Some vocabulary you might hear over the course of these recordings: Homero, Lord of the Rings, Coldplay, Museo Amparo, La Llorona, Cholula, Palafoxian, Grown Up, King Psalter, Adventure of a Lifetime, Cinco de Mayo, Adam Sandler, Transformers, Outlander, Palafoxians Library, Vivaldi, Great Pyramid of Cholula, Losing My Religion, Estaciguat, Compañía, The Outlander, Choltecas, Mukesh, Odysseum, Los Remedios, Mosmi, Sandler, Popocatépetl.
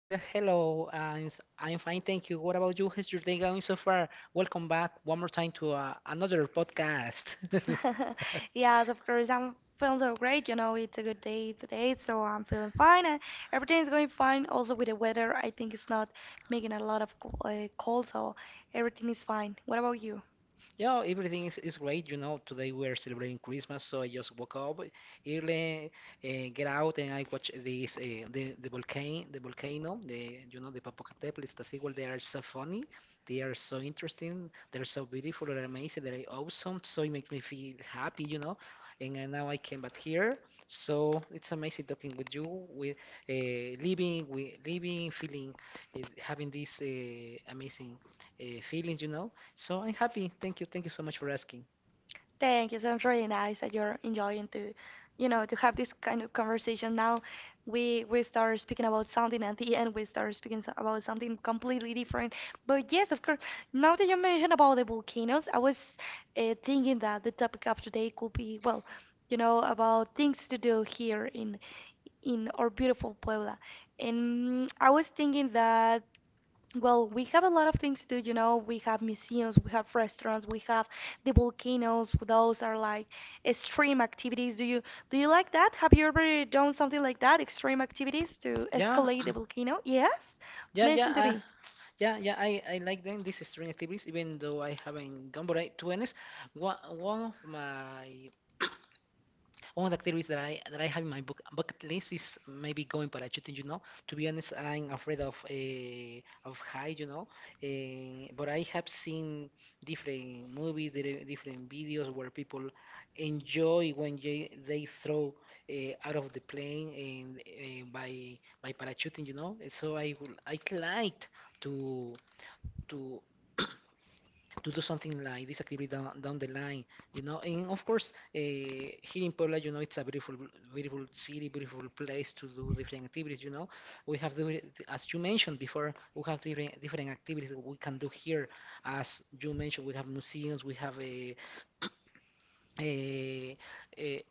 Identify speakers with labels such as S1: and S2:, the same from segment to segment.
S1: well, hello. I'm fine, thank you. What about you? How's your day going so far? Welcome back one more time to another podcast.
S2: Yes, of course. I'm feeling so great. You know, it's a good day today, so I'm feeling fine. And Everything's going fine. Also, with the weather, I think it's not making a lot of cold, so everything is fine. What about you?
S1: Yeah, everything is great. You know, today we are celebrating Christmas, so I just woke up early, get out, and I watch this the volcano, the volcano, the you know the Popocatépetl. It's the sequel. They are so funny, they are so interesting, they're so beautiful, they're amazing, they're awesome. So it makes me feel happy, you know. Now I came back here, so it's amazing talking with you, with living, feeling, having this amazing feelings, you know. So I'm happy. Thank you. Thank you so much for asking.
S2: Thank you. So it's really nice that you're enjoying to, you know, to have this kind of conversation. Now we start speaking about something, and at the end we start speaking about something completely different. But yes, of course. Now that you mentioned about the volcanoes, I was thinking that the topic of today could be, well, you know, about things to do here in our beautiful Puebla. And I was thinking that well, we have a lot of things to do, you know. We have museums, we have restaurants, we have the volcanoes. Those are like extreme activities. Do you like that? Have you ever done something like that? Extreme activities to
S1: Yeah,
S2: escalate the volcano? Yes?
S1: yeah, yeah,
S2: Mention to me.
S1: yeah, yeah. I like doing these string activities, even though I haven't gone. But I, to be honest, one, one of my One of the activities that I have in bucket list is maybe going parachuting. You know, to be honest, I'm afraid of high. You know, but I have seen different different videos where people enjoy when they throw out of the plane and by parachuting. You know, so I like to to to do something like this activity down, down the line, you know. And of course, here in Puebla, you know, it's a beautiful, beautiful city, beautiful place to do different activities. You know, we have the, as you mentioned before, we have different activities that we can do here. As you mentioned, we have museums, we have a, a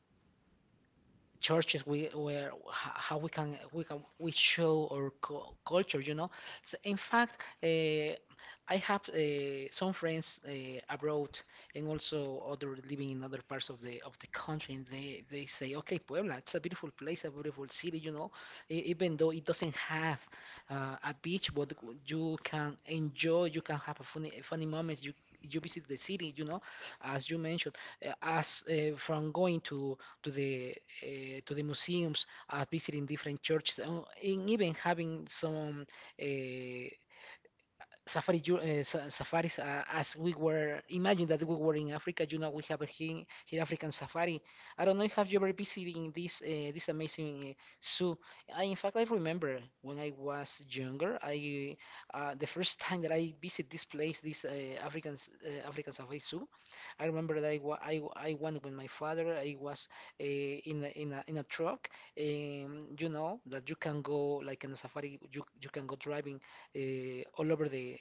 S1: churches we where h- how we can we can we show our culture, you know. So in fact, uh, I have some friends abroad, and also other living in other parts of the country, and they say, okay, Puebla, it's a beautiful place, a beautiful city, you know. Even though it doesn't have a beach, but you can enjoy, you can have a funny funny moments, you visit the city, you know. As you mentioned, as from going to the to the museums, visiting different churches, and even having some uh, safaris, as we were imagine that we were in Africa. You know, we have a here, here African safari. I don't know if have you ever visiting this amazing zoo. In fact, I remember when I was younger, I the first time that I visit this place, African safari zoo. I remember that I went with my father. I was in a truck. You know that you can go like in a safari, you can go driving all over the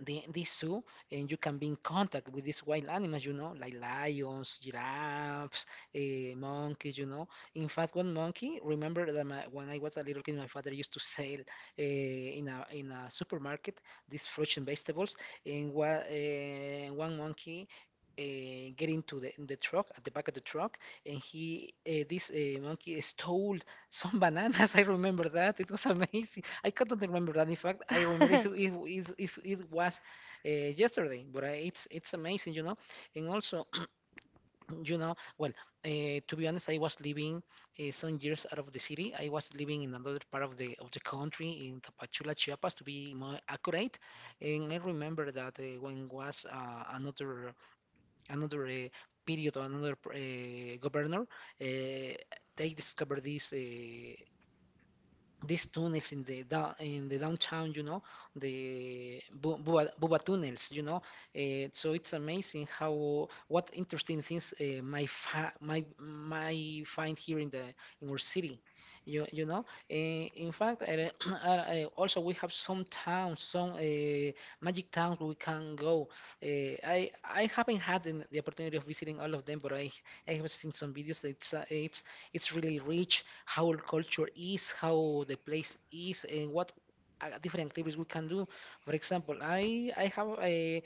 S1: the, the zoo, and you can be in contact with these wild animals, you know, like lions, giraffes, monkeys, you know. In fact, one monkey, remember that my, when I was a little kid, my father used to sell in a supermarket these fruits and vegetables, and one monkey get into in the truck at the back of the truck, and he this monkey stole some bananas. I remember that it was amazing. I couldn't remember that. In fact, I remember was yesterday, but it's amazing, you know. And also, you know, well, to be honest, I was living some years out of the city. I was living in another part of the country, in Tapachula, Chiapas, to be more accurate. And I remember that when was another period another governor, uh, they discovered this. These tunnels in in the downtown, you know, Buba tunnels, you know. So it's amazing how what interesting things my fa my my find here in the in our city. You know, in fact, I, I also, we have some towns, some magic towns we can go. Uh, I haven't had the opportunity of visiting all of them, but I have seen some videos. That It's it's really rich how our culture is, how the place is, and what different activities we can do. For example, I have a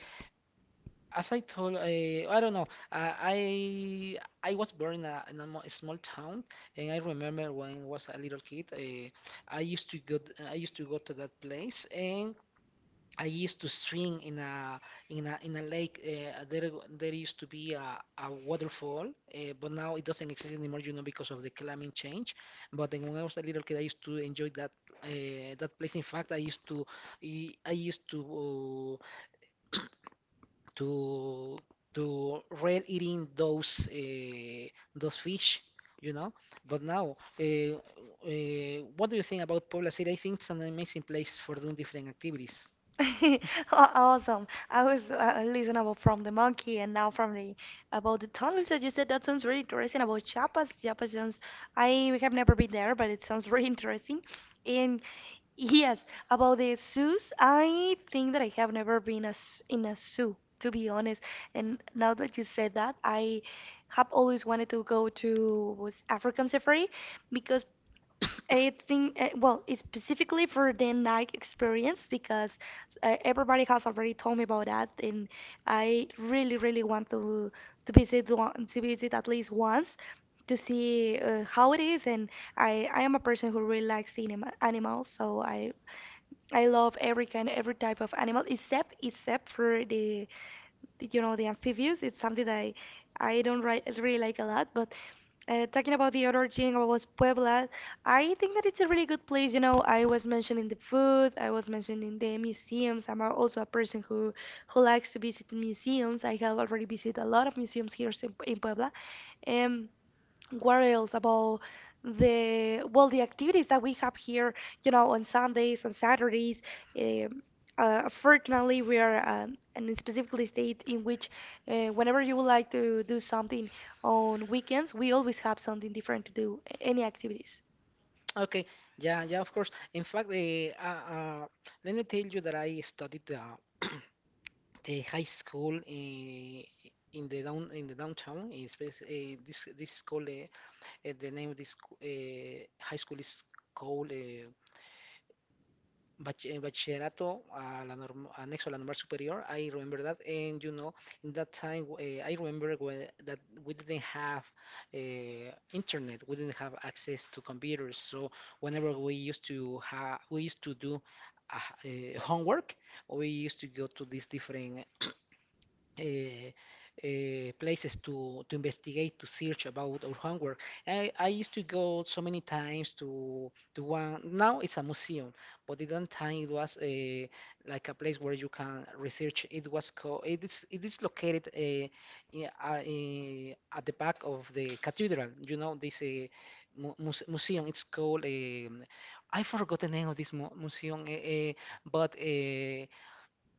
S1: as I told I don't know uh, I I was born in a small town, and I remember when I was a little kid, I used to go I used to go to that place, and I used to swim in a lake. There used to be a waterfall, but now it doesn't exist anymore, you know, because of the climate change. But then when I was a little kid, I used to enjoy that place. In fact, I used to to to rail eating those fish, you know. But now, what do you think about Puebla City? I think it's an amazing place for doing different activities.
S2: Aw- Awesome. I was listening about from the monkey and now from the about the tunnels that you said. That sounds really interesting about Chiapas. Chiapas sounds. I have never been there, but it sounds really interesting. And yes, about the zoos, I think that I have never been in a zoo, to be honest. And now that you said that, I have always wanted to go to was African safari because I think, well, it's specifically for the Nike experience because everybody has already told me about that, and I really, really want to to visit at least once to see how it is. And I am a person who really likes seeing animals, so I love every kind, every type of animal except for the you know, the amphibious. It's something that I don't really like a lot. But talking about the other thing was Puebla. I think that it's a really good place. You know, I was mentioning the food. I was mentioning the museums. I'm also a person who likes to visit museums. I have already visited a lot of museums here in Puebla. Um, what else about the well the activities that we have here, you know, on Sundays, on Saturdays, um, fortunately we are in a specifically state in which whenever you would like to do something on weekends we always have something different to do any activities.
S1: Okay, yeah, yeah, of course. In fact, let me tell you that I studied the high school in the down in the downtown. It's this school. The name of this high school is called bachillerato a la norm annex a la normal superior. I remember that, and you know, in that time, I remember that we didn't have internet, we didn't have access to computers. So whenever we used to ha we used to do homework, we used to go to these different uh, places to investigate, to search about our homework. I used to go so many times to one, now it's a museum, but at that time it was a like a place where you can research. It was it is located in, at the back of the cathedral, you know, this museum. It's called, um, I forgot the name of this mu museum, but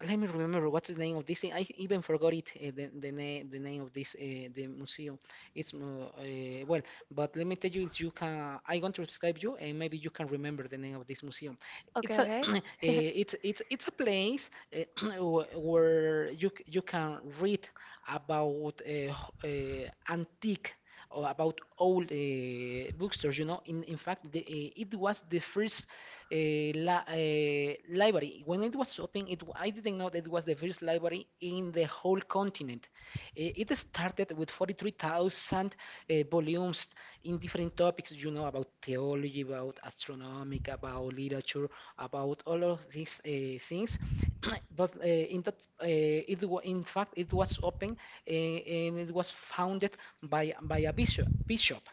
S1: let me remember what's the name of this thing. I even forgot it. The name of this the museum. It's Well, but let me tell you, if you can, I want to describe you, and maybe you can remember the name of this museum.
S2: Okay,
S1: It's a
S2: okay.
S1: it's a place where you can read about antique. Or about old bookstores, you know. In fact, it was the first library. When it was open, I didn't know that it was the first library in the whole continent. It started with 43,000 volumes in different topics, you know, about theology, about astronomy, about literature, about all of these things. But in fact, it was open and it was founded by a bishop. Bishop,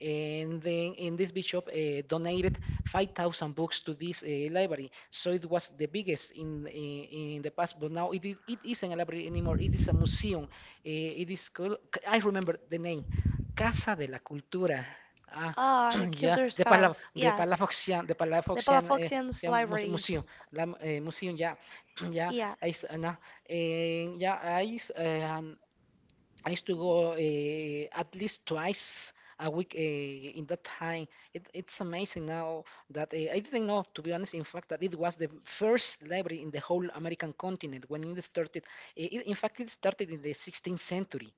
S1: and then, and this bishop donated 5,000 books to this library. So it was the biggest in the past, but now it isn't a library anymore. It is a museum. It is called, I remember the name, Casa de la Cultura. Ah,
S2: Ah, the
S1: yeah,
S2: kilder's house. Yes,
S1: The
S2: the
S1: Palafoxian,
S2: palafoxians library.
S1: museo, museo ya, ya,
S2: Yeah.
S1: ahí está, na, ya, ahí, I used to go at least twice a week in that time. It's amazing now that I didn't know, to be honest, in fact, that it was the first library in the whole American continent when it started. In fact, it started in the 16th century.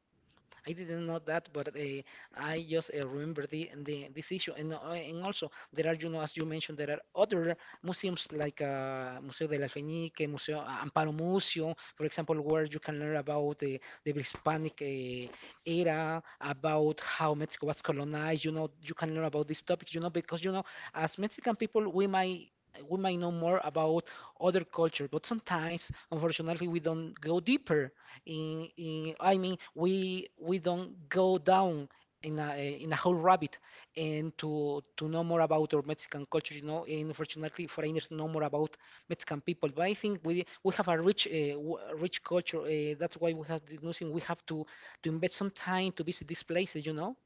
S1: I didn't know that, but I just remember the this issue. And and also there are, you know, as you mentioned, there are other museums like Museo de la Fenique, Museo Amparo Museo, for example, where you can learn about the Hispanic era, about how Mexico was colonized. You know, you can learn about these topics, because as Mexican people, we might know more about other culture. But sometimes, unfortunately, we don't go deeper in I mean we don't go down in a in a whole rabbit, and to know more about our Mexican culture. And unfortunately, foreigners know more about Mexican people, but I think we have a rich rich culture. That's why we have this museum. We have to invest some time to visit these places.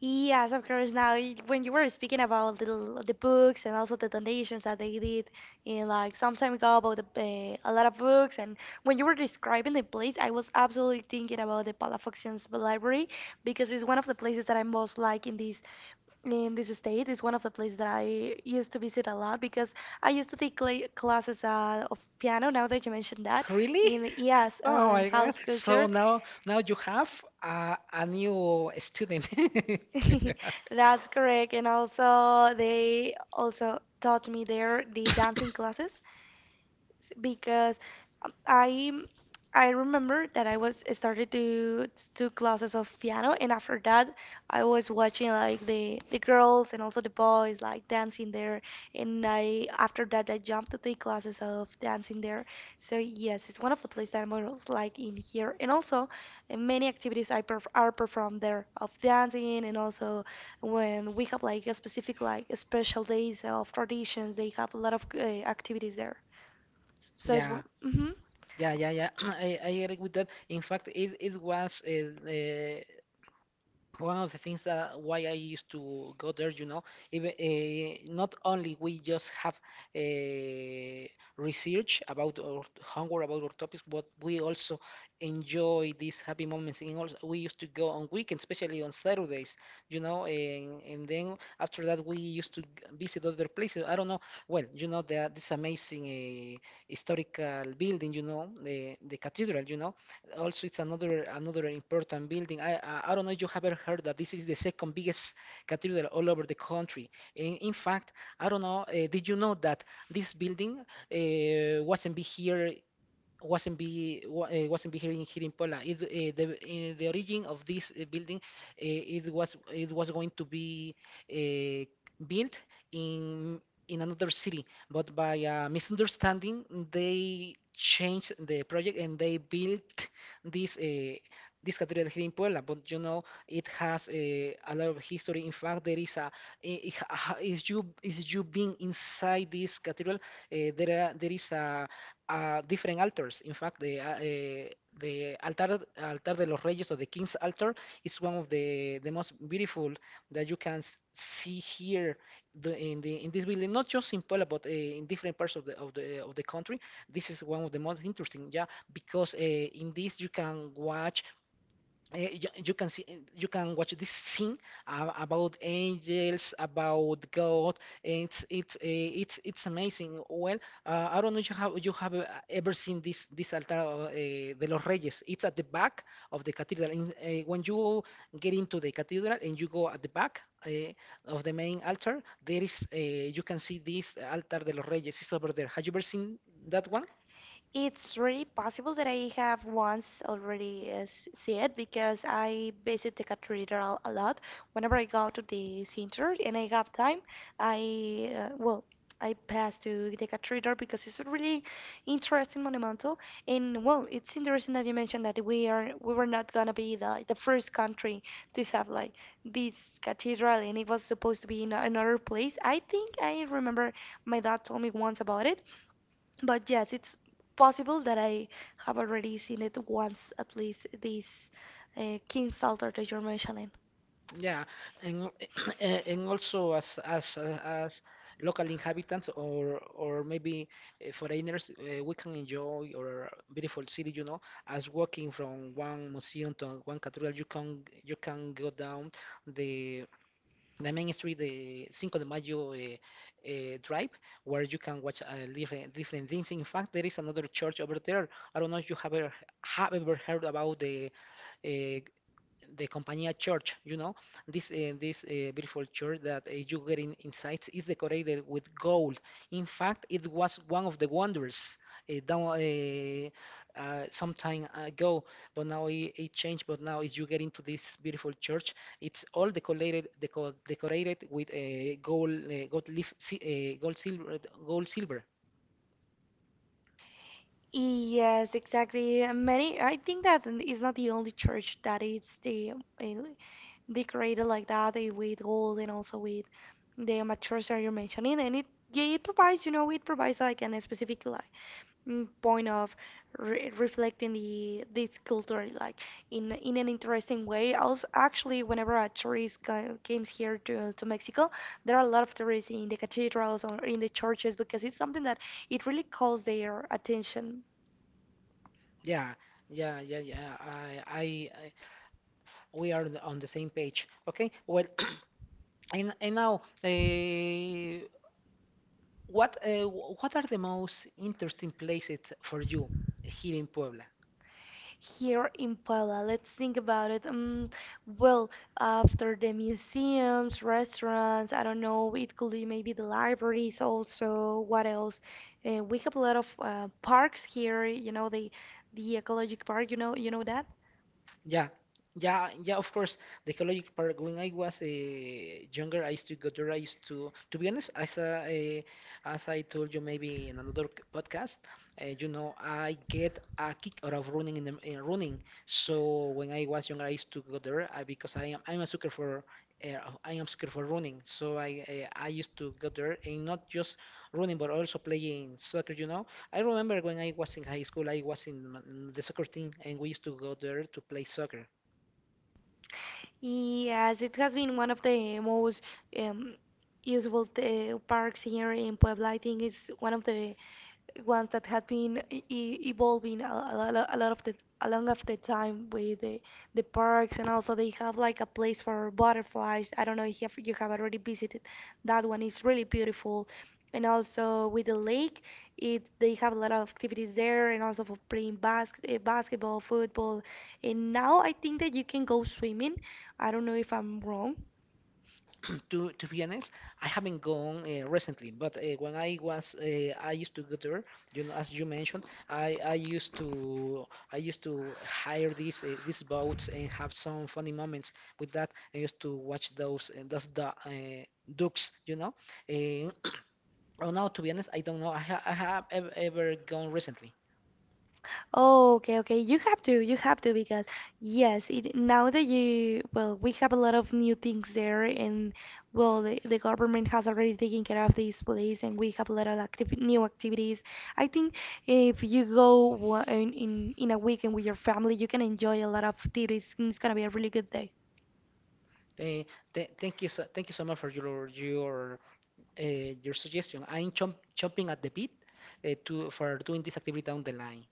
S2: Yes, of course. Now, when you were speaking about the, the books and also the donations that they did in like some time ago about the, a lot of books, and when you were describing the place, I was absolutely thinking about the Palafoxians Library because it's one of the places that I most like in this state. It's one of the places that I used to visit a lot because I used to take classes of piano. Now that you mentioned that,
S1: Really? Oh
S2: in
S1: my God,
S2: house culture.
S1: so now you have a new student.
S2: That's correct. And also, they also taught me there the dancing classes because um, I I remember that I was I started to two classes of piano, and after that I was watching like the girls and also the boys like dancing there, and I after that I jumped to take classes of dancing there. So yes, it's one of the places that I most like in here, and also many activities I perf are performed there of dancing, and also when we have like a specific like special days of traditions, they have a lot of activities there. So it's
S1: Yeah.
S2: one.
S1: Yeah, yeah, yeah. I agree with that. In fact, it was uh, one of the things that why I used to go there, you know. Even, not only we just have uh, research about our homework about our topics, but we also enjoy these happy moments. And also we used to go on weekends, especially on Saturdays, you know, and then after that we used to visit other places. I don't know. Well, you know, this amazing historical building, you know, the cathedral. You know, also, it's another important building. I don't know if you have ever heard that this is the second biggest cathedral all over the country. In fact, I don't know. Did you know that this building wasn't be here wasn't be wa- wasn't be here in here in Poland? It, the In the origin of this building, it was going to be uh, built in another city, but by a misunderstanding, they changed the project and they built this. This cathedral here in Puebla. But you know, it has a lot of history. In fact, there is a I- ha- is you being inside this cathedral, there is a different altars. In fact, the altar de los Reyes, or the King's altar, is one of the most beautiful that you can see here, the in this building. Not just in Puebla, but in different parts of the of the of the country. This is one of the most interesting, yeah, because in this you can watch you can see you can watch this scene about angels, about God. it's it's uh, it's amazing. Well, I don't know if you have ever seen this altar, de los Reyes. It's at the back of the cathedral. When you get into the cathedral and you go at the back of the main altar, there is, you can see this altar de los Reyes. It's over there. Have you ever seen that one?
S2: It's really possible that I have once already see it because I visit the cathedral a lot. Whenever I go to the center and I have time, I well, I pass to the cathedral because it's a really interesting monumental. And well, it's interesting that you mentioned that we were not gonna be the first country to have like this cathedral, and it was supposed to be in another place. I think I remember my dad told me once about it. But yes, it's possible that I have already seen it once at least, this King Psalter that you're mentioning.
S1: Yeah, and al- and also, as local inhabitants, or maybe foreigners, we can enjoy our beautiful city, you know, as walking from one museum to one cathedral. You can go down the the main street, the Cinco de Mayo Drive, where you can watch different things. In fact, there is another church over there. I don't know if you have ever heard about the eh, the Compañía Church, you know, this beautiful church that you get inside is decorated with gold. In fact, it was one of the wonders down some time ago, but now it changed. But now, if you get into this beautiful church, it's all decorated with a gold, gold leaf, gold silver, gold silver.
S2: Yes, exactly. Many, I think that is not the only church that is the eh, decorated like that with gold and also with the amateurs that you're mentioning, and it yeah, it provides, you know, it provides like an specific point of re reflecting the this culture like in an interesting way. Also, actually, whenever a tourist comes here to Mexico, there are a lot of tourists in the cathedrals or in the churches because it's something that it really calls their attention
S1: Yeah, yeah, yeah, yeah. I we are on the same page. Okay. Well, and now, uh, what are the most interesting places for you here in Puebla?
S2: here in Puebla. Let's think about it. Well, after the museums, restaurants, I don't know, it could be maybe the libraries also. What else? We have a lot of parks here, you know, the ecologic park, you know that?
S1: Yeah, yeah, yeah. Of course, the ecological park. When I was younger, I used to go there. I used to be honest, as I told you maybe in another podcast. You know, I get a kick out of running in running. So when I was younger, I used to go there because I'm a sucker for. Uh, I am sucker for running, so I used to go there, and not just running, but also playing soccer, you know. I remember when I was in high school, I was in the soccer team, and we used to go there to play soccer.
S2: Yes, it has been one of the most um, usable parks here in Puebla. I think it's one of the ones that had been evolving a lot of the along of the time with the parks, and also they have like a place for butterflies. I don't know if you have, you have already visited that one. It's really beautiful, and also with the lake, it they have a lot of activities there and also for playing basketball, football, and now I think that you can go swimming. I don't know if I'm wrong.
S1: To be honest, I haven't gone recently, but I used to go there. You know, as you mentioned, I I used to I used to hire these boats and have some funny moments with that. I used to watch ducks, you know. Uh, oh no, to be honest, I don't know. I have ever gone recently.
S2: Oh, okay, okay. You have to because yes, it, now that you well, we have a lot of new things there, and well, the government has already taken care of this place, and we have a lot of activi new activities. I think if you go in a weekend with your family, you can enjoy a lot of activities. And It's gonna be a really good day.
S1: Eh, th Thank you so much for your suggestion. I'm chomping at the bit, to for doing this activity down the line.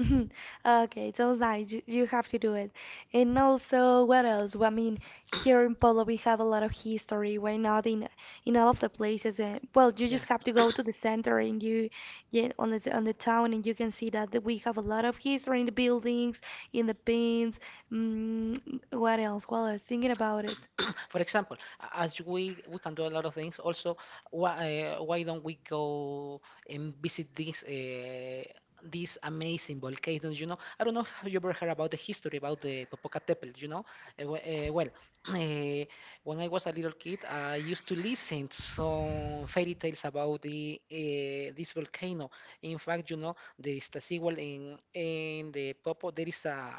S2: Okay, don't lie. You have to do it. And also, what else? Well, I mean, here in Polo, we have a lot of history. Why not in in all of the places? Well, you
S1: Yeah.
S2: just have to go to the center and you, yeah, on the on the town, and you can see that we have a lot of history in the buildings, in the pins. Mm, what else? Well, I was thinking about it.
S1: For example, a- as we can do a lot of things. Also, why don't we go and visit this these amazing volcanoes? You know, I don't know how you ever heard about the history about the Popocatépetl. You know. Well, uh, when I was a little kid, I used to listen some fairy tales about the this volcano. In fact, you know, there is the sequel in the Popo. There is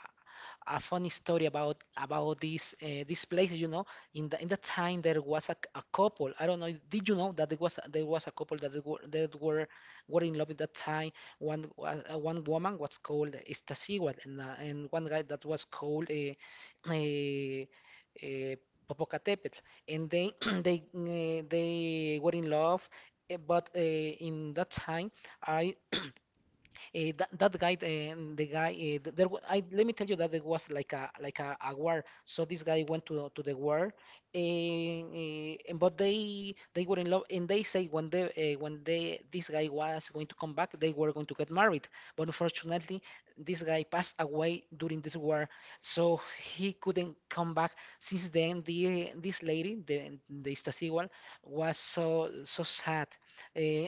S1: a funny story about this place, you know. In the time there was a couple. I don't know. Did you know that there was a couple that they were that were in love at that time? One woman was called Estaciguat, and one guy that was called, uh, uh, Popocatépetl. And they they were in love. Eh, but in that time, I that guy, the guy, let me tell you that there was like a war. So this guy went to the war, and but they were in love, and they say when they, this guy was going to come back, they were going to get married. But unfortunately, this guy passed away during this war, so he couldn't come back. Since then, the this lady, the Stacigual, was so sad. Uh,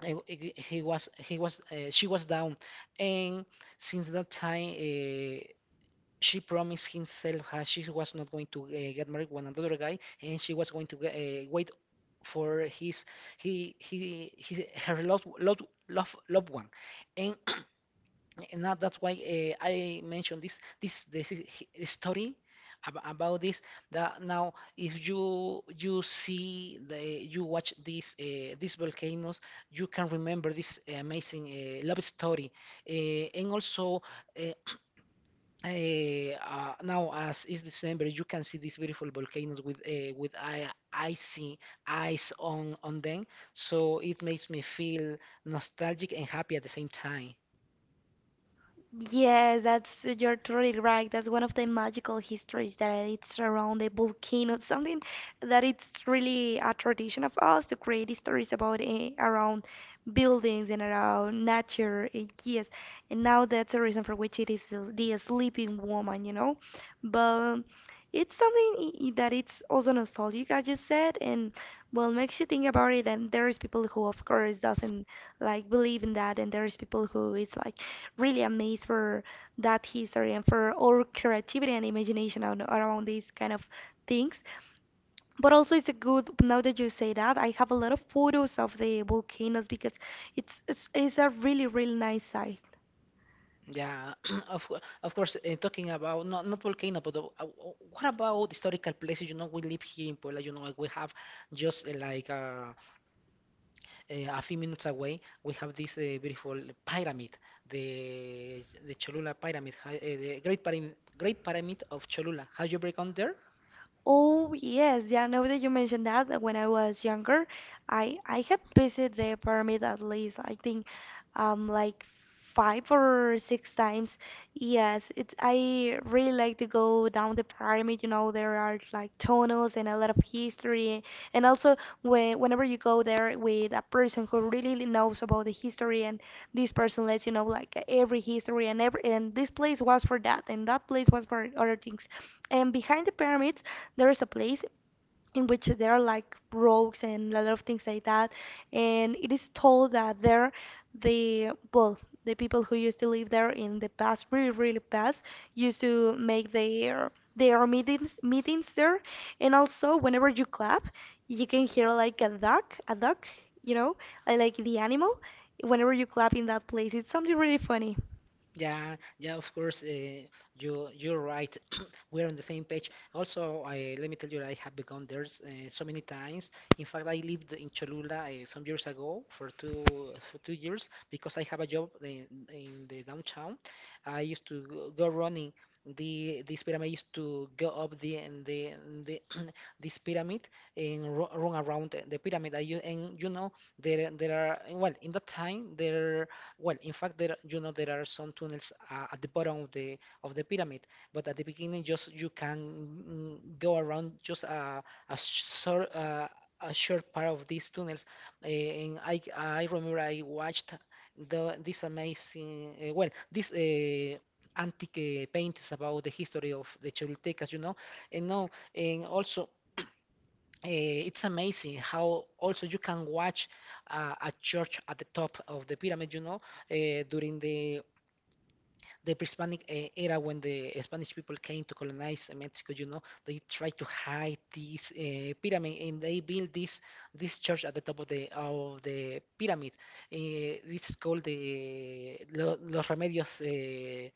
S1: I w- he was she was down. And since that time, she promised himself that she was not going to get married with another guy, and she was going to wait for his he her loved one. And and now that's why I mentioned this story about this, that now if you see the you watch these volcanoes, you can remember this amazing love story. And also, uh, now as it's December, you can see these beautiful volcanoes with I icy eyes on them. So it makes me feel nostalgic and happy at the same time.
S2: Yes, that's you're totally right. That's one of the magical histories that it's around the volcano. Something that it's really a tradition of us to create stories about around buildings and around nature. Yes, and now that's the reason for which it is the sleeping woman, you know. But it's something that it's also nostalgic, as you said, and well makes you think about it. And there's people who, of course, doesn't like believe in that, and there's people who it's like really amazed for that history and for our creativity and imagination around these kind of things. But also, it's a good, now that you say that, I have a lot of photos of the volcanoes because it's a really, really nice sight.
S1: Yeah, of course. Talking about not volcano, but what about historical places? You know, we live here in Puebla. You know, like we have just like a few minutes away. We have this beautiful pyramid, the Cholula pyramid, the Great Pyramid, Great Pyramid of Cholula. Have you ever gone there?
S2: Oh yes, yeah. Now that you mentioned that, that when I was younger, I had visited the pyramid at least I think like five or six times. Yes, it's I really like to go down the pyramid. You know, there are like tunnels and a lot of history. And also, whenever you go there with a person who really knows about the history, and this person lets you know like every history and every and this place was for that and that place was for other things. And behind the pyramids, there is a place in which there are like rogues and a lot of things like that. And it is told that there, the well, the people who used to live there in the past, really, really past, used to make their meetings there. And also, whenever you clap, you can hear like a duck, you know, like the animal. Whenever you clap in that place, it's something really funny.
S1: Yeah, yeah, of course. You you're right. We're on the same page. Also, let me tell you, I have begun there so many times. In fact, I lived in Cholula some years ago for 2 years, because I have a job in the downtown. I used to go running. The This pyramid, used to go up the this pyramid, and run around the pyramid. I, u- and You know, there are, well, in that time there. Well, in fact, there you know, there are some tunnels at the bottom of the pyramid, but at the beginning, just you can go around just a short uh, a short part of these tunnels. And I remember I watched the this amazing well this antique paintings about the history of the Choltecas, you know, and now and also eh, it's amazing how also you can watch a church at the top of the pyramid, you know, during the pre-Hispanic era when the Spanish people came to colonize Mexico. You know, they tried to hide this pyramid and they built this church at the top of the pyramid. Uh, this is called the Los Remedios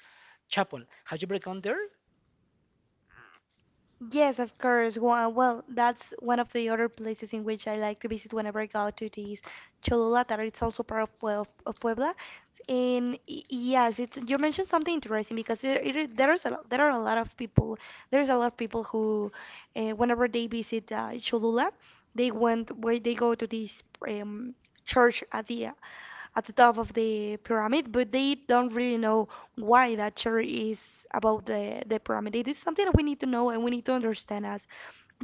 S1: Chapel. Have you ever gone there?
S2: Yes, of course. Well, that's one of the other places in which I like to visit whenever I go to this Cholula, that it's also part of, of Puebla. Yes, it's you mentioned something interesting because there it, is- there is a, lo- there are a lot of people, there's a lot of people who whenever they visit Cholula, they went where they go to this um, church at the top of the pyramid, but they don't really know why that theory is about the pyramid. It is something that we need to know and we need to understand as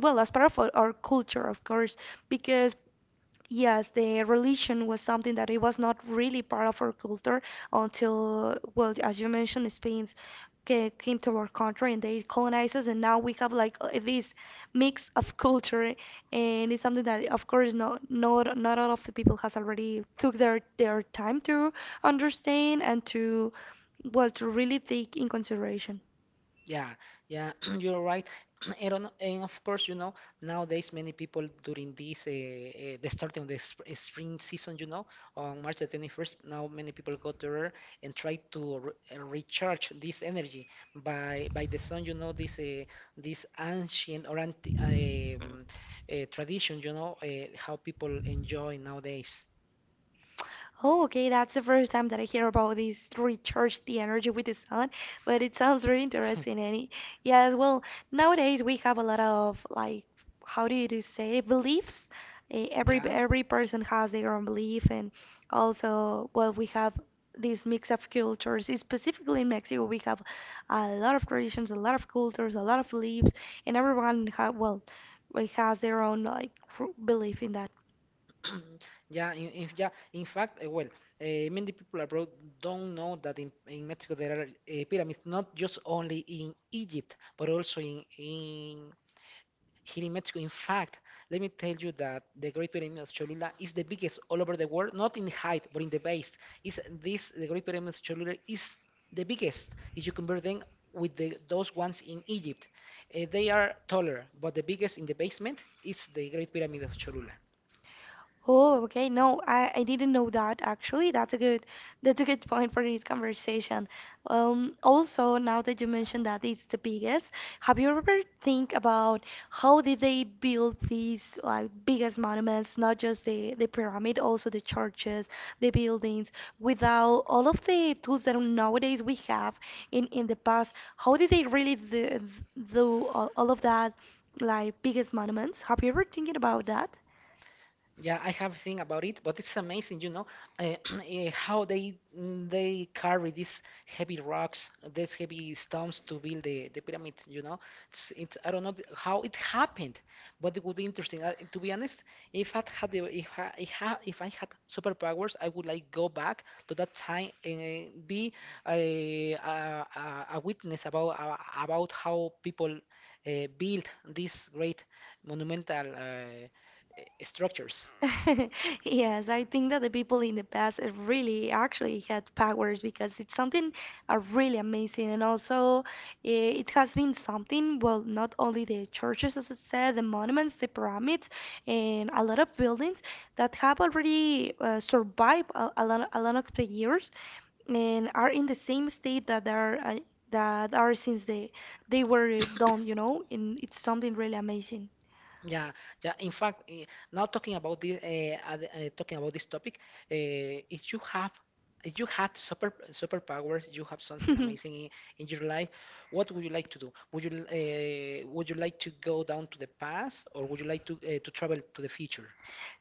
S2: well as part of our culture, of course, because yes, the religion was something that it was not really part of our culture until, well, as you mentioned, Spain came to our country and they colonized us, and now we have like this mix of culture, and it's something that, of course, no, not all of the people has already took their time to understand and to, well, to really take in consideration.
S1: Yeah, yeah, you're right. And of course, you know, nowadays many people during the starting of the sp spring season, you know, on March the 21st, now many people go there and try to re recharge this energy by the sun, you know, this this ancient or anti tradition, you know, how people enjoy nowadays.
S2: Oh, okay, that's the first time that I hear about this recharge the energy with the sun, but it sounds really interesting. And it, yes, well, nowadays we have a lot of like, how do you do say, beliefs. Eh, Every
S1: Yeah.
S2: every person has their own belief, and also, well, we have this mix of cultures. Specifically in Mexico, we have a lot of traditions, a lot of cultures, a lot of beliefs, and everyone ha well, like, has their own like cr- belief in that.
S1: Yeah. In fact, many people abroad don't know that in Mexico there are pyramids, not just only in Egypt, but also in here in Mexico. In fact, let me tell you that the Great Pyramid of Cholula is the biggest all over the world, not in height, but in the base. Is this the Great Pyramid of Cholula is the biggest if you compare them with those ones in Egypt. They are taller, but the biggest in the basement is the Great Pyramid of Cholula.
S2: Oh, okay. No, I didn't know that actually. That's a good, that's a good point for this conversation. Also, now that you mentioned that it's the biggest, have you ever think about how did they build these like biggest monuments, not just the pyramid, also the churches, the buildings, without all of the tools that nowadays we have in the past? How did they really do, do all of that like biggest monuments? Have you ever thinking about that?
S1: Yeah, I have think about it, but it's amazing, you know, uh, eh, how they carry these heavy rocks, these heavy stones to build the pyramid. You know, it's I don't know how it happened, but it would be interesting. To be honest, if I had the, if I, if I if I had superpowers, I would like go back to that time and be a, a, a witness about how people build these great monumental structures.
S2: Yes, I think that the people in the past really actually had powers because it's something really amazing. And also, it has been something, well, not only the churches, as I said, the monuments, the pyramids, and a lot of buildings that have already survived a lot of the years and are in the same state that they are that are since they were done, you know, and it's something really amazing.
S1: Yeah, yeah. In fact, now talking about this topic, if you had superpowers, you have something amazing in your life. What would you like to do? Would you like to go down to the past, or would you like to travel to the future?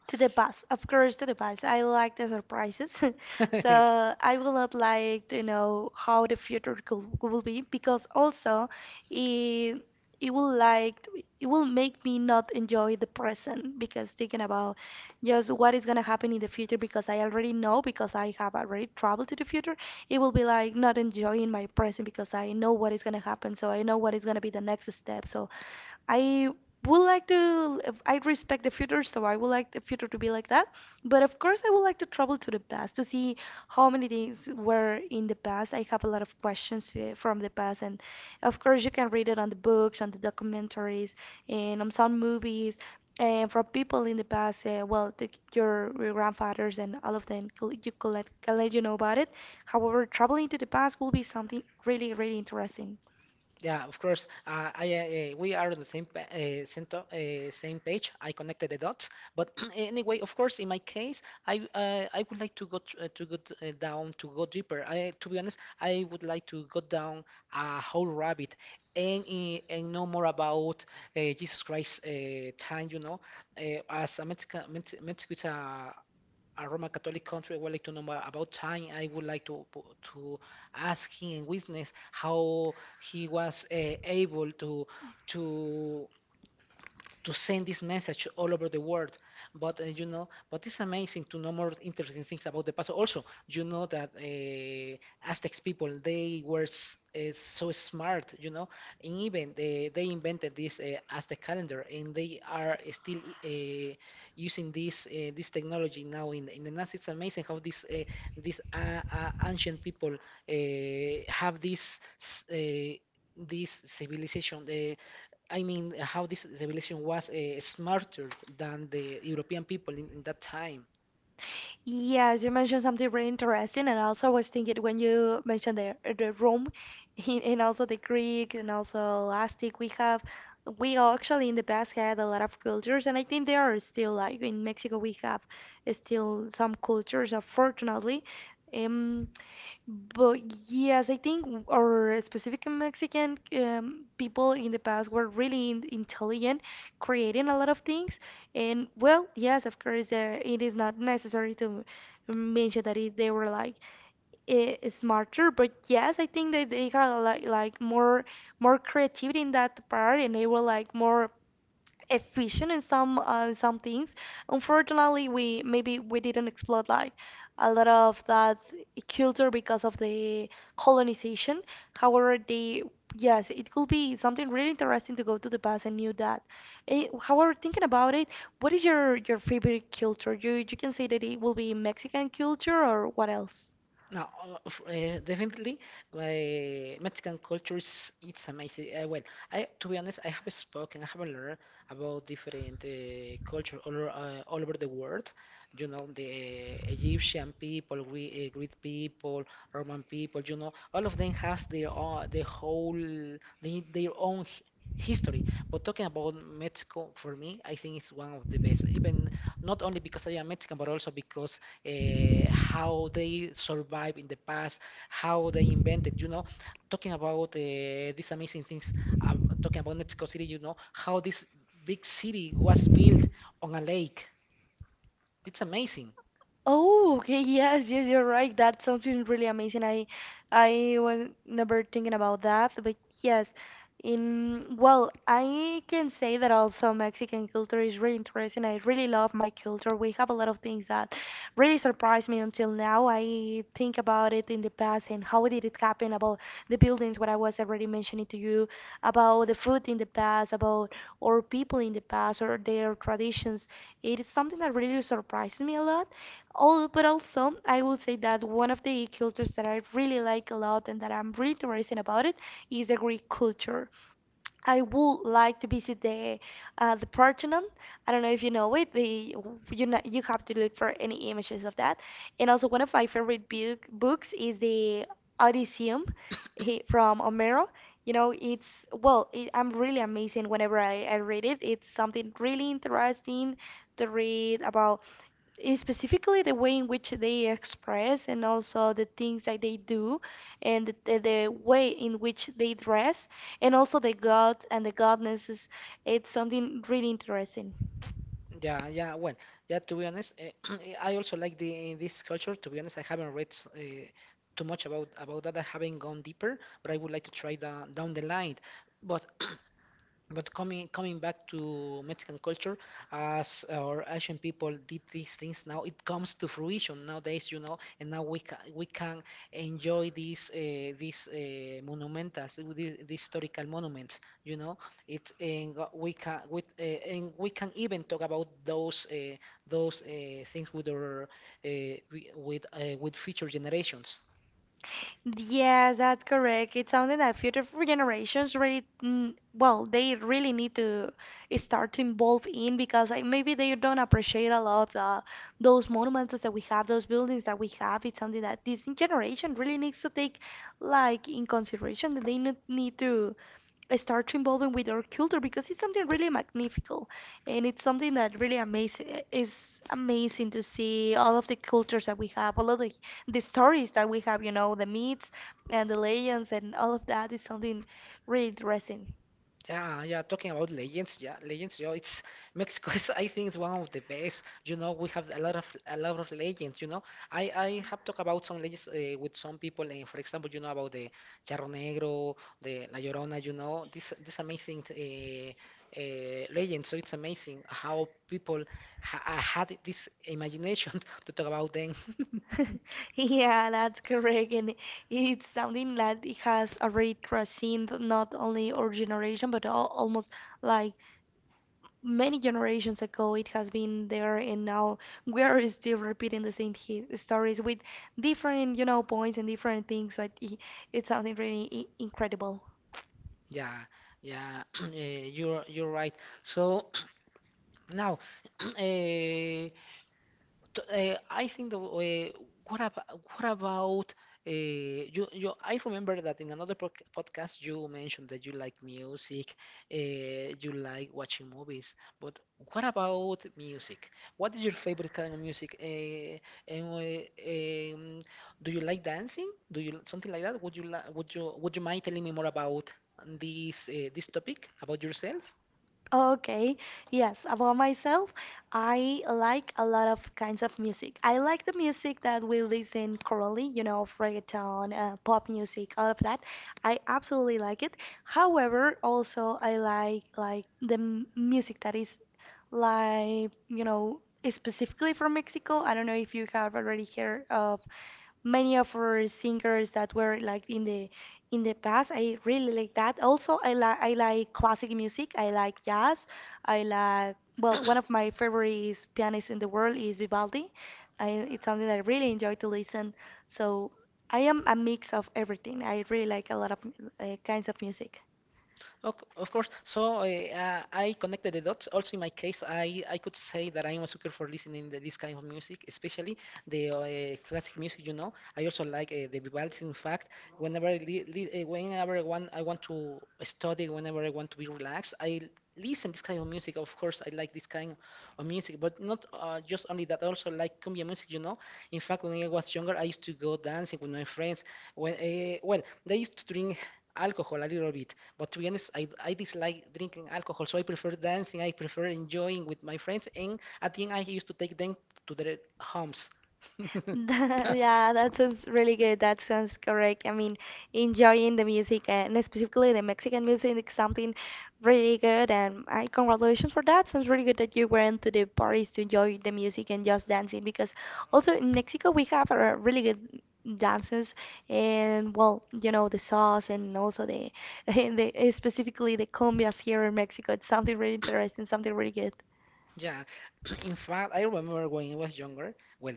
S2: To the past, of course, to the past. I like the surprises, so I will not like to know how the future will be because also it it will like it will make me not enjoy the present because thinking about just what is gonna happen in the future because I already know because I have already traveled to the future, it will be like not enjoying my present because I know what is gonna happen, so I know what is gonna be the next step, so I would like to, if I respect the future, so I would like the future to be like that. But of course, I would like to travel to the past to see how many things were in the past. I have a lot of questions from the past, and of course, you can read it on the books, on the documentaries, and on some movies, and from people in the past. Well, the, your grandfathers and all of them, you can let you know about it. However, traveling to the past will be something really, really interesting.
S1: Yeah, of course. We are on the same pa same, to same page. I connected the dots. But anyway, of course, in my case, I would like to go tr- to go t- down to go deeper. I, to be honest, I would like to go down a whole rabbit and know more about Jesus Christ time. You know, as a Mexican, Mexico is a Roman Catholic country, I would like to know about time. I would like to ask him and witness how he was able to to send this message all over the world. But you know, but it's amazing to know more interesting things about the past. Also, you know that Aztecs people they were so smart. You know, and even they invented this Aztec calendar, and they are still uh, using this this technology now in the NASA. It's amazing how this these ancient people have this. s- Uh, this civilization. I mean, how this civilization was smarter than the European people in that time.
S2: Yes, you mentioned something really interesting, and also I was thinking when you mentioned the room, and also the Greek, and also Aztec, we have we all actually in the past had a lot of cultures, and I think there are still like in Mexico we have still some cultures, unfortunately. Um, but yes, I think our specific Mexican people in the past were really in intelligent, creating a lot of things. And well, yes, of course, it is not necessary to mention that it, they were like smarter. But yes, I think that they had like more more creativity in that part, and they were like more efficient in some things. Unfortunately, we maybe we didn't explore like a lot of that culture because of the colonization. However, they yes, it could be something really interesting to go to the past and knew that. However, thinking about it, what is your favorite culture? You can say that it will be Mexican culture or what else?
S1: Now, definitely, my Mexican culture is it's amazing. Well, I to be honest, I have learned about different culture all over the world. You know, the Egyptian people, Greek people, Roman people. You know, all of them has their own, their own history. But talking about Mexico, for me, I think it's one of the best. Even not only because I am Mexican, but also because how they survived in the past, how they invented, you know, talking about these amazing things, uh, talking about Mexico City, you know, how this big city was built on a lake. It's amazing.
S2: Oh, okay, yes, yes, you're right. That sounds really amazing. I was never thinking about that, but yes. In well, I can say that also Mexican culture is really interesting. I really love my culture. We have a lot of things that really surprised me until now. I think about it in the past and how did it happen about the buildings, what I was already mentioning to you, about the food in the past, about or people in the past or their traditions. It is something that really surprises me a lot. All, but also, I will say that one of the cultures that I really like a lot and that I'm really interested about it is the Greek culture. I would like to visit the Parthenon. I don't know if you know it. The you know, you have to look for any images of that. And also one of my favorite books is the Odysseum he, from Homero. You know, it's well, it, I'm really amazing whenever I read it. It's something really interesting to read about is specifically the way in which they express and also the things that they do and the way in which they dress and also the God and the goddesses. It's something really interesting.
S1: Yeah, yeah. Well, yeah. To be honest, I also like the this culture. To be honest, I haven't read too much about that. I haven't gone deeper, but I would like to try down the line. But coming back to Mexican culture, as our Asian people did these things, now it comes to fruition nowadays, you know, and now we can enjoy these monumentals, these historical monuments, you know. We can with and we can even talk about those things with our uh, with future generations.
S2: Yes, that's correct. It's something that future generations really, mm, well, they really need to start to involve in because like, maybe they don't appreciate a lot of the, those monuments that we have, those buildings that we have. It's something that this generation really needs to take like in consideration. They need to start to involving with our culture because it's something really magnifical and it's something that really amazing is amazing to see all of the cultures that we have, all of the stories that we have, you know, the myths and the legends and all of that is something really interesting.
S1: Yeah, yeah, talking about Legends, yeah, it's Mexico is I think it's one of the best. You know, we have a lot of legends, you know. I have talked about some legends with some people, for example, you know about the Charro Negro, the La Llorona, you know, this amazing legend. So it's amazing how people ha had this imagination to talk about them.
S2: Yeah, that's correct. And it's something that it has already transcended not only our generation, but al almost like many generations ago, it has been there, and now we are still repeating the same hi stories with different, you know, points and different things. But I- it's something really I incredible.
S1: Yeah, yeah, you're right. So now, uh, t- I think the what about what about you? I remember that in another podcast you mentioned that you like music, uh, you like watching movies. But what about music? What is your favorite kind of music? And Do you like dancing? Do you something like that? Would you li would you mind telling me more about this topic about yourself?
S2: Okay, yes, about myself, I like a lot of kinds of music. I like the music that we listen currently, you know, reggaeton, pop music, all of that. I absolutely like it. However, also I like the music that is like, you know, specifically from Mexico. I don't know if you have already heard of many of our singers that were like in the past. I really like that. Also, I like classic music. I like jazz. I like well, one of my favorite pianists in the world is Vivaldi. I, it's something that I really enjoy to listen. So I am a mix of everything. I really like a lot of kinds of music.
S1: Ok- Of course. So I connected the dots. Also, in my case, I could say that I'm a sucker for listening to this kind of music, especially the classic music. You know, I also like the Vivaldi. In fact, whenever I li li eh, whenever I want to study, whenever I want to be relaxed, I listen this kind of music. Of course, I like this kind of music, but not just only that. I also like cumbia music. You know, in fact, when I was younger, I used to go dancing with my friends. When well, they used to drink alcohol a little bit. But to be honest, I dislike drinking alcohol, so I prefer dancing. I prefer enjoying with my friends, and at the end, I used to take them to their homes.
S2: That, yeah, that sounds really good. That sounds correct. I mean, enjoying the music and specifically the Mexican music is something really good. And I congratulations for that. Sounds really good that you went to the parties to enjoy the music and just dancing because also in Mexico we have really good dances and well, you know, the sauce and also the, the specifically the cumbias here in Mexico. It's something really interesting, something really good.
S1: Yeah, in fact, I remember when I was younger, well,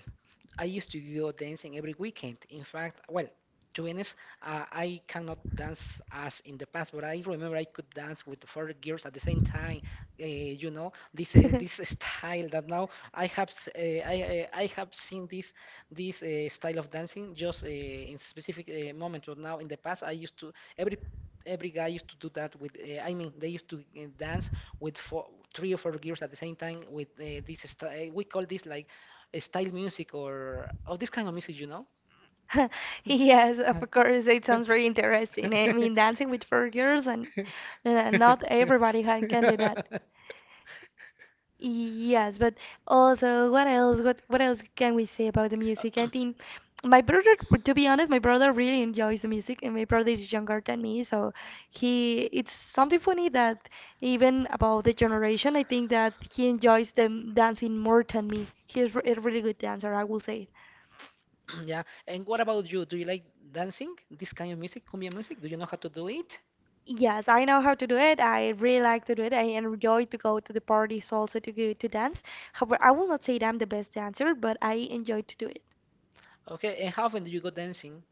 S1: I used to go dancing every weekend. In fact, well, to be honest, I cannot dance as in the past, but I remember I could dance with four girls at the same time. You know, this style that now I have s- I have seen this style of dancing just in specific moment. But now in the past, I used to every every guy used to do that with. I mean, they used to dance with three or four gears at the same time with this style. We call this like style music or oh this kind of music, you know?
S2: Yes, of course, it sounds very interesting. Eh? I mean, dancing with four girls, and not everybody can do that. Yes, but also what else? What else can we say about the music? I think my brother, to be honest, my brother really enjoys the music, and my brother is younger than me, so he it's something funny that even about the generation, I think that he enjoys them dancing more than me. He's a really good dancer, I will say.
S1: Yeah. And what about you? Do you like dancing? This kind of music, cumbia music? Do you know how to do it?
S2: Yes, I know how to do it. I really like to do it. I enjoy to go to the parties also to go to dance. However, I will not say that I'm the best dancer, but I enjoy to do it.
S1: Okay. And how often do you go dancing?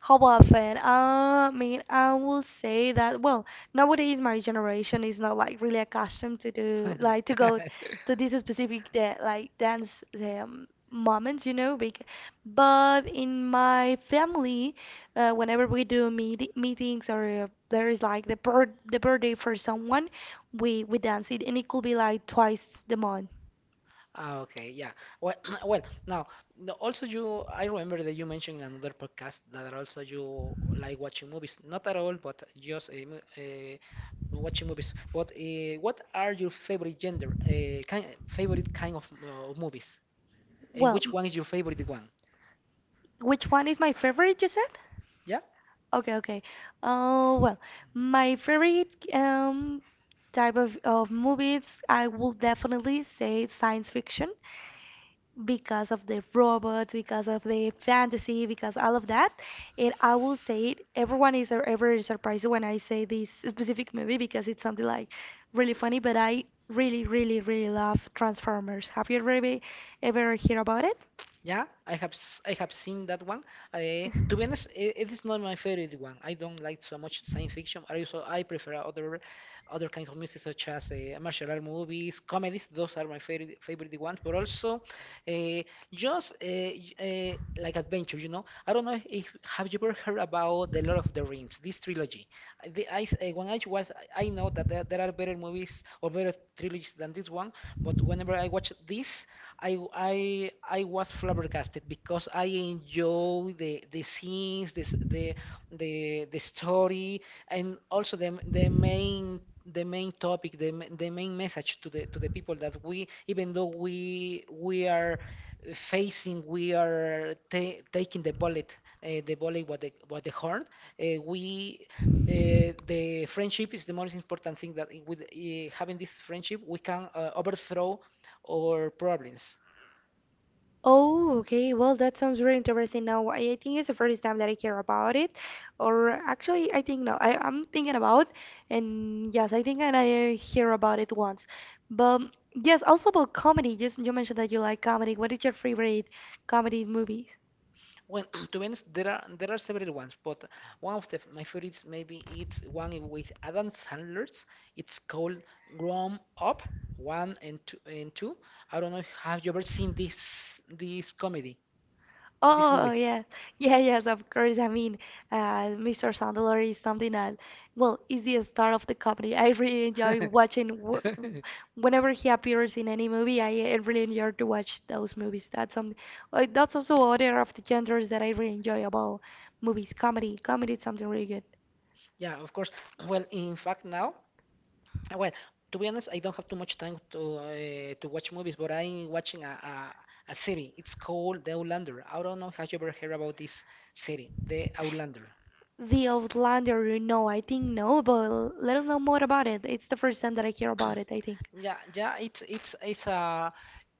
S2: How often? I mean, I will say that, well, nowadays my generation is not like really accustomed to do, like to go to these specific da like dance moments, you know, bec but in my family, whenever we do meetings or there is like the birth the birthday for someone, we dance it, and it could be like twice the month.
S1: Ah, okay, yeah. Well, well, now no, also you, I remember that you mentioned in another podcast that also you like watching movies. Not at all, but just watching movies. But what are your favorite favorite kind of movies, and
S2: Well,
S1: which one is your favorite one?
S2: which one is my favorite, you said?
S1: Yeah.
S2: Okay, okay. Well, my favorite type of movies, I will definitely say science fiction because of the robots, because of the fantasy, because all of that. And I will say it, everyone is ever surprised when I say this specific movie because it's something like really funny, but I really, really, really love Transformers. Have you ever, ever heard about it?
S1: Yeah, I have seen that one. I, to be honest, I it is not my favorite one. I don't like so much science fiction. I prefer other kinds of music such as martial art movies, comedies. Those are my favorite ones. But also, uh, just like adventure, you know. I don't know if have you ever heard about the Lord of the Rings, this trilogy. I- The, I, when I was, I know that there are better movies or better trilogies than this one, but whenever I watch this, I was flabbergasted because I enjoy the scenes, this the the story, and also the main topic, the main message to the people that we, even though we are facing, we are ta taking the bullet with the horn, we. The friendship is the most important thing that with having this friendship we can overthrow our problems.
S2: Oh, okay. Well, that sounds really interesting. Now, I think it's the first time that I hear about it, or actually, I think no, I'm thinking about, and yes, I think that I hear about it once. But yes, also about comedy. Just you mentioned that you like comedy. What is your favorite comedy movies?
S1: Well, to be honest, there are several ones, but one of the my favorites maybe it's one with Adam Sandler's. It's called Grown Up One and Two and Two. I don't know if have you ever seen this comedy, this
S2: Oh
S1: movie?
S2: yeah, yeah, yes, of course. I mean, Mr. Sandler is something that, well, is the star of the comedy. I really enjoy watching w whenever he appears in any movie. I really enjoy to watch those movies. That's also other of the genres that I really enjoy about movies. Comedy, comedy is something really good.
S1: Yeah, of course. Well, in fact, now well, to be honest, I don't have too much time to watch movies, but I'm watching a series. It's called The Outlander. I don't know have you ever heard about this series, The Outlander.
S2: The Outlander, you know, I think no, but let us know more about it. It's the first time that I hear about it, I think.
S1: Yeah, it's a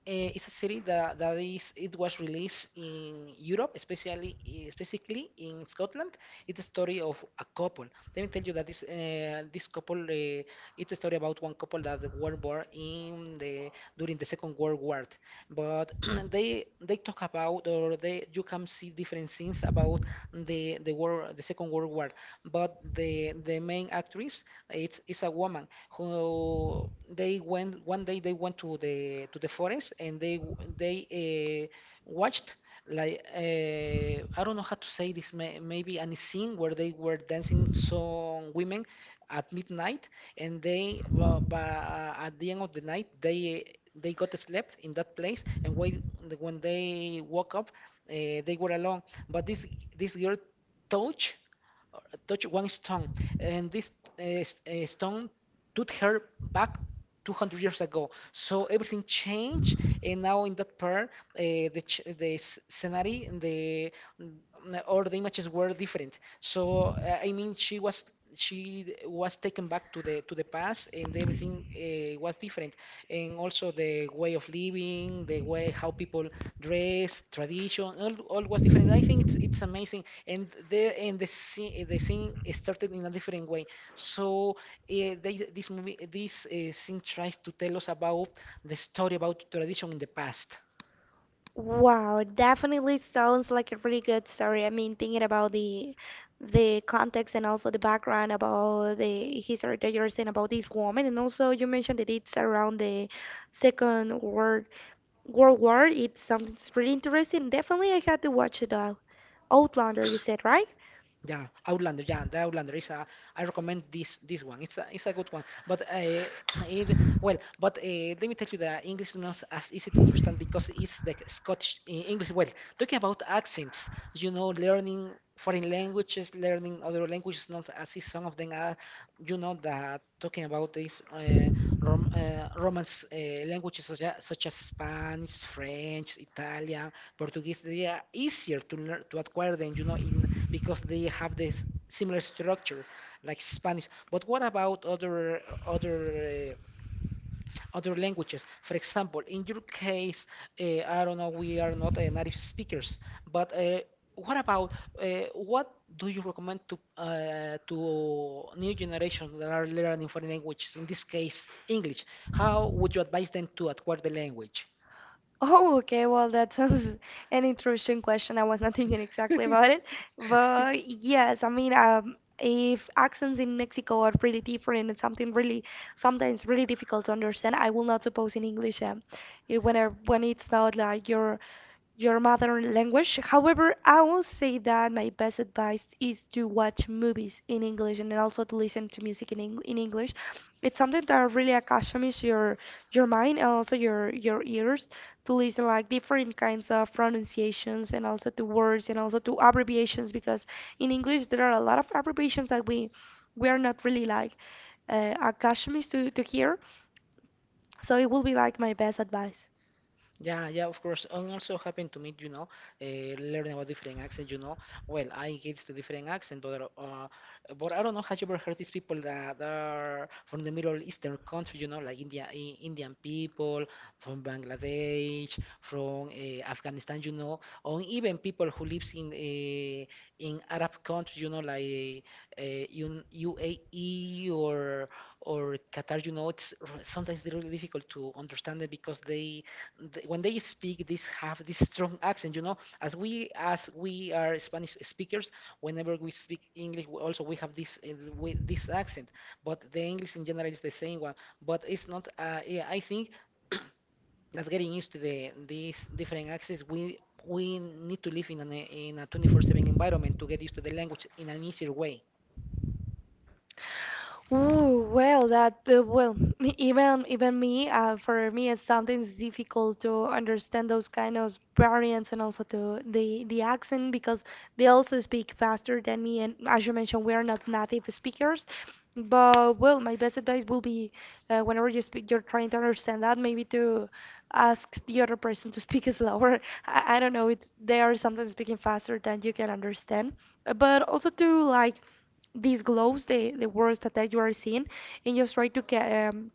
S1: it's a series that that is it was released in Europe, specifically in Scotland. It's a story of a couple. Let me tell you that this couple it's a story about one couple that were born in the during the Second World War. But they talk about, or they, you can see different scenes about the war, the Second World War. But the main actress, it's is a woman who, they went one day they went to the forest, and they watched like I don't know how to say this. Maybe a scene where they were dancing, some women at midnight, and they at the end of the night they got slept in that place, and when they woke up, they were alone. But this girl touched or touched one stone, and this stone took her back 200 years ago. So everything changed, and now in that part, the scenery and the mm, or the images were different. So I mean, she was taken back to the past, and everything was different, and also the way of living, the way how people dress, tradition, all was different. I think it's amazing, and the scene started in a different way. So this movie, this scene tries to tell us about the story about tradition in the past.
S2: Wow, definitely sounds like a really good story. I mean, thinking about the context and also the background about the history that you're saying about this woman, and also you mentioned that it's around the Second World War. It sounds really interesting. Definitely, I had to watch it out. Outlander, you said, right?
S1: Yeah, Outlander. Yeah, the Outlander is a. I recommend this this one. It's a good one. But it well, but let me tell you, the English is not as easy to understand because it's the Scottish English. Well, talking about accents, you know, learning foreign languages, learning other languages, not as easy. Some of them are, you know, that talking about these Romance languages such as Spanish, French, Italian, Portuguese, they are easier to learn to acquire than, you know, in because they have this similar structure like Spanish. But what about other uh, other languages? For example, in your case, I don't know, we are not native speakers, but uh, what about uh, what do you recommend to new generations that are learning foreign languages? In this case, English. How would you advise them to acquire the language?
S2: Oh, okay. Well, that sounds an interesting question. I was not thinking exactly about it. But yes, I mean, if accents in Mexico are pretty different and something really, sometimes really difficult to understand, I will not suppose in English, when it's not like your mother language. However, I will say that my best advice is to watch movies in English and then also to listen to music in, in English. It's something that really accompanies your mind and also your ears to listen like different kinds of pronunciations and also to words and also to abbreviations because in English there are a lot of abbreviations that we are not really like accustomed to hear. So it will be like my best advice.
S1: Yeah, yeah, of course. And also happened to me, you know, uh, learning about different accents, you know. Well, I get to different accent, but I don't know. Have you ever heard these people that are from the Middle Eastern country, you know, like India, I Indian people from Bangladesh, from Afghanistan, you know, or even people who lives in Arab countries, you know, like UAE or Qatar. You know, it's r- sometimes really difficult to understand it because they th- when they speak this, have this strong accent, you know. As we as we are Spanish speakers, whenever we speak English, we also we have this this accent. But the English in general is the same one, but it's not yeah, I think that getting used to the these different accents, we need to live in an in a 24/7 environment to get used to the language in an easier way.
S2: Ooh, well, even even me, for me, it's sometimes difficult to understand those kind of variants and also to the accent because they also speak faster than me, and as you mentioned, we are not native speakers. But well, my best advice will be whenever you speak, you're trying to understand that, maybe to ask the other person to speak slower. I don't know, it's, they are sometimes speaking faster than you can understand. But also to like these glows, the words that, that you are seeing, and just try to get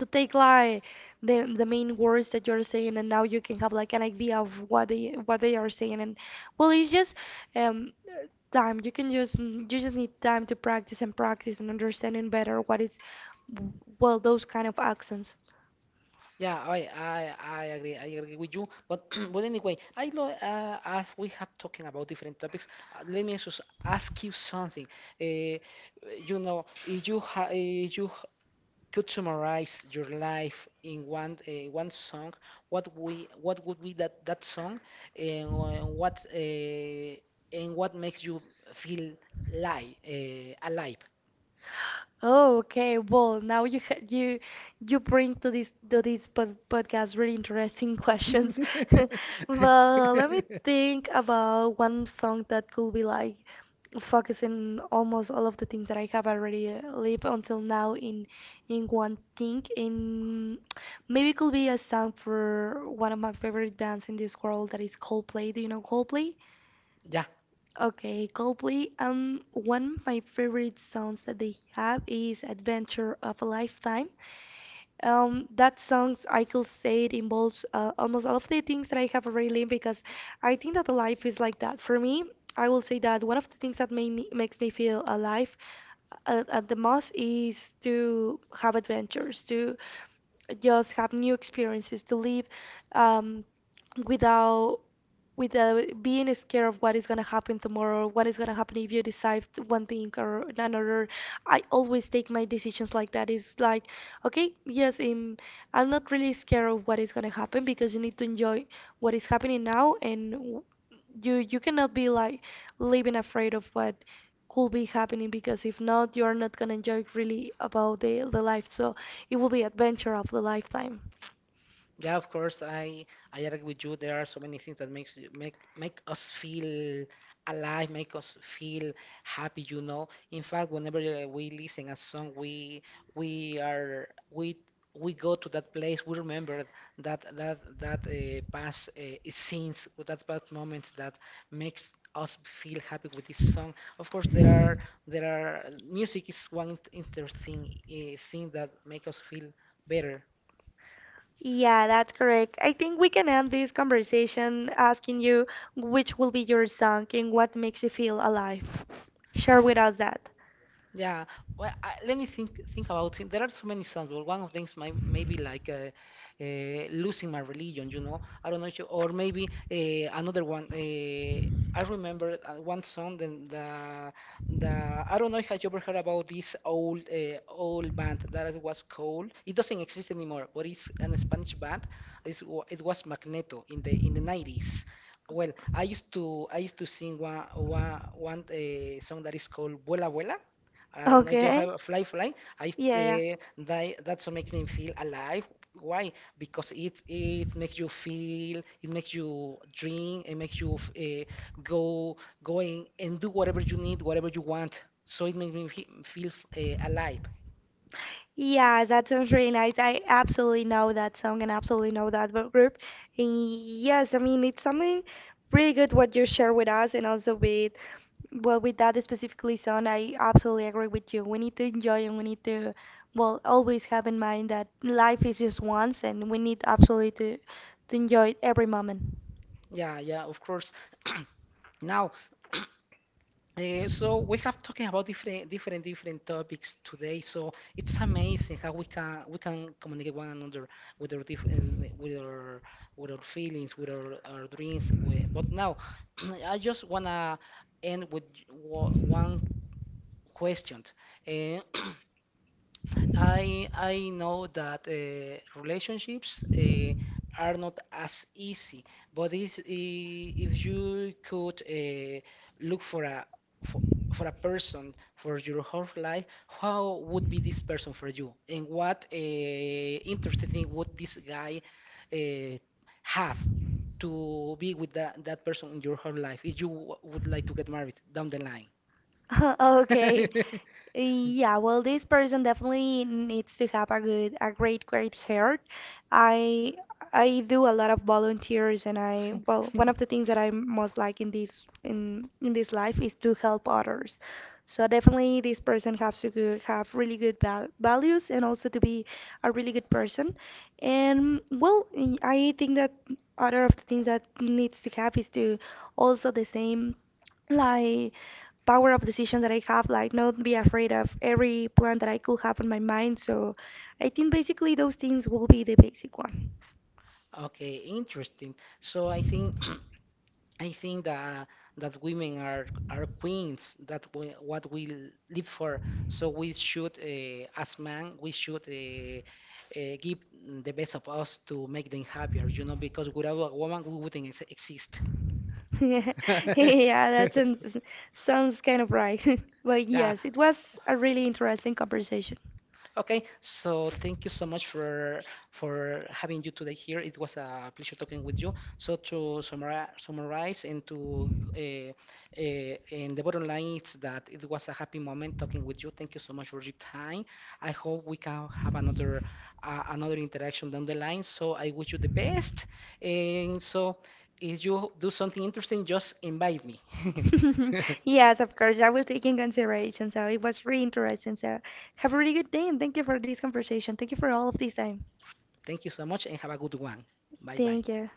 S2: to take like the main words that you're saying, and now you can have like an idea of what they are saying. And well, it's just um, uh, time. You can just you just need time to practice and practice and understanding better what is well those kind of accents.
S1: Yeah, I agree. I agree with you. But but anyway, I lo as we have talking about different topics, let me just ask you something. Uh, you know, if you ha if you h- could summarize your life in one song, what would be that that song, and what makes you feel li alive?
S2: Oh, okay. Well, now you you bring to this podcast really interesting questions. Well, let me think about one song that could be like focusing almost all of the things that I have already lived until now in one thing. In maybe it could be a song for one of my favorite bands in this world that is Coldplay. Do you know Coldplay?
S1: Ya.
S2: Okay, Coldplay. One of my favorite songs that they have is "Adventure of a Lifetime." That songs I could say it involves almost all of the things that I have already lived because I think that life is like that. For me, I will say that one of the things that made me, makes me feel alive at the most is to have adventures, to just have new experiences, to live um, without without being scared of what is gonna happen tomorrow, what is gonna happen if you decide one thing or another. I always take my decisions like that. It's like, okay, yes, I'm not really scared of what is gonna happen because you need to enjoy what is happening now, and you you cannot be like living afraid of what could be happening because if not, you are not gonna enjoy really about the life. So it will be adventure of the lifetime.
S1: Yeah, of course, I agree with you. There are so many things that makes you- make make us feel alive, make us feel happy, you know. In fact, whenever we listen a song, we are we go to that place. We remember that past scenes, with that past moments that makes us feel happy with this song. Of course, there are music is one interesting thing that make us feel better.
S2: Yeah, that's correct. I think we can end this conversation asking you which will be your song and what makes you feel alive.
S1: Uh,
S2: Share with us that.
S1: Yeah, well, I, let me think about it. There are so many songs. Well, one of them is my, maybe like losing my religion. You know, I don't know if you, or maybe another one. I remember one song, then the I don't know if have you ever heard about this old old band that it was called. It doesn't exist anymore, but it's an Spanish band. It's, wa- it was Magneto in the 90s. Well, I used to sing one song that is called Vuela Vuela. I don't know. You have
S2: Okay.
S1: a fly, fly. I
S2: Yeah, yeah.
S1: That that's what makes me feel alive. Why? Because it makes you feel, it makes you dream, it makes you go going and do whatever you need, whatever you want. So it makes me feel alive.
S2: Yeah, that sounds really nice. I absolutely know that song and absolutely know that group. And yes, I mean, it's something really good what you share with us and also with, well, with that specifically song, I absolutely agree with you. We need to enjoy and we need to, well, always have in mind that life is just once and we need absolutely to enjoy every moment.
S1: Yeah, yeah, of course. Now. So we have talking about different topics today. So it's amazing how we can communicate one another with our feelings, with our dreams. We, but now, I just wanna end with one question. Uh, I know that relationships are not as easy, but if you could look for a for, for a person for your whole life, how would be this person for you, and what interesting thing would this guy uh, have to be with that, that person in your whole life if you w would like to get married down the line?
S2: Okay. Yeah, well, this person definitely needs to have a good, a great, great heart. I I do a lot of volunteers, and I well, one of the things that I most like in this life is to help others. So definitely, this person has to go, have really good values and also to be a really good person. And well, I think that other of the things that needs to have is to also the same like power of decision that I have, like not be afraid of every plan that I could have in my mind. So I think basically those things will be the basic one.
S1: Okay, interesting. So I think. I think that that women are queens. That we, what we l- live for. So we should, as men, we should give the best of us to make them happier. You know, because without a woman, we wouldn't ex exist.
S2: Yeah, that sounds sounds kind of right. But
S1: Yeah,
S2: yes, it was a really interesting conversation.
S1: okay, so thank you so much for having you today here. It was a pleasure talking with you. So to summarize, summarize, and to and the bottom line is that it was a happy moment talking with you. Thank you so much for your time. I hope we can have another interaction down the line. So I wish you the best. And so if you do something interesting, just invite me.
S2: Yes, of course, I will take in consideration. So it was really interesting. So have a really good day and thank you for this conversation. Thank you for all of this time.
S1: Thank you so much and have a good one. Bye bye.
S2: Thank you.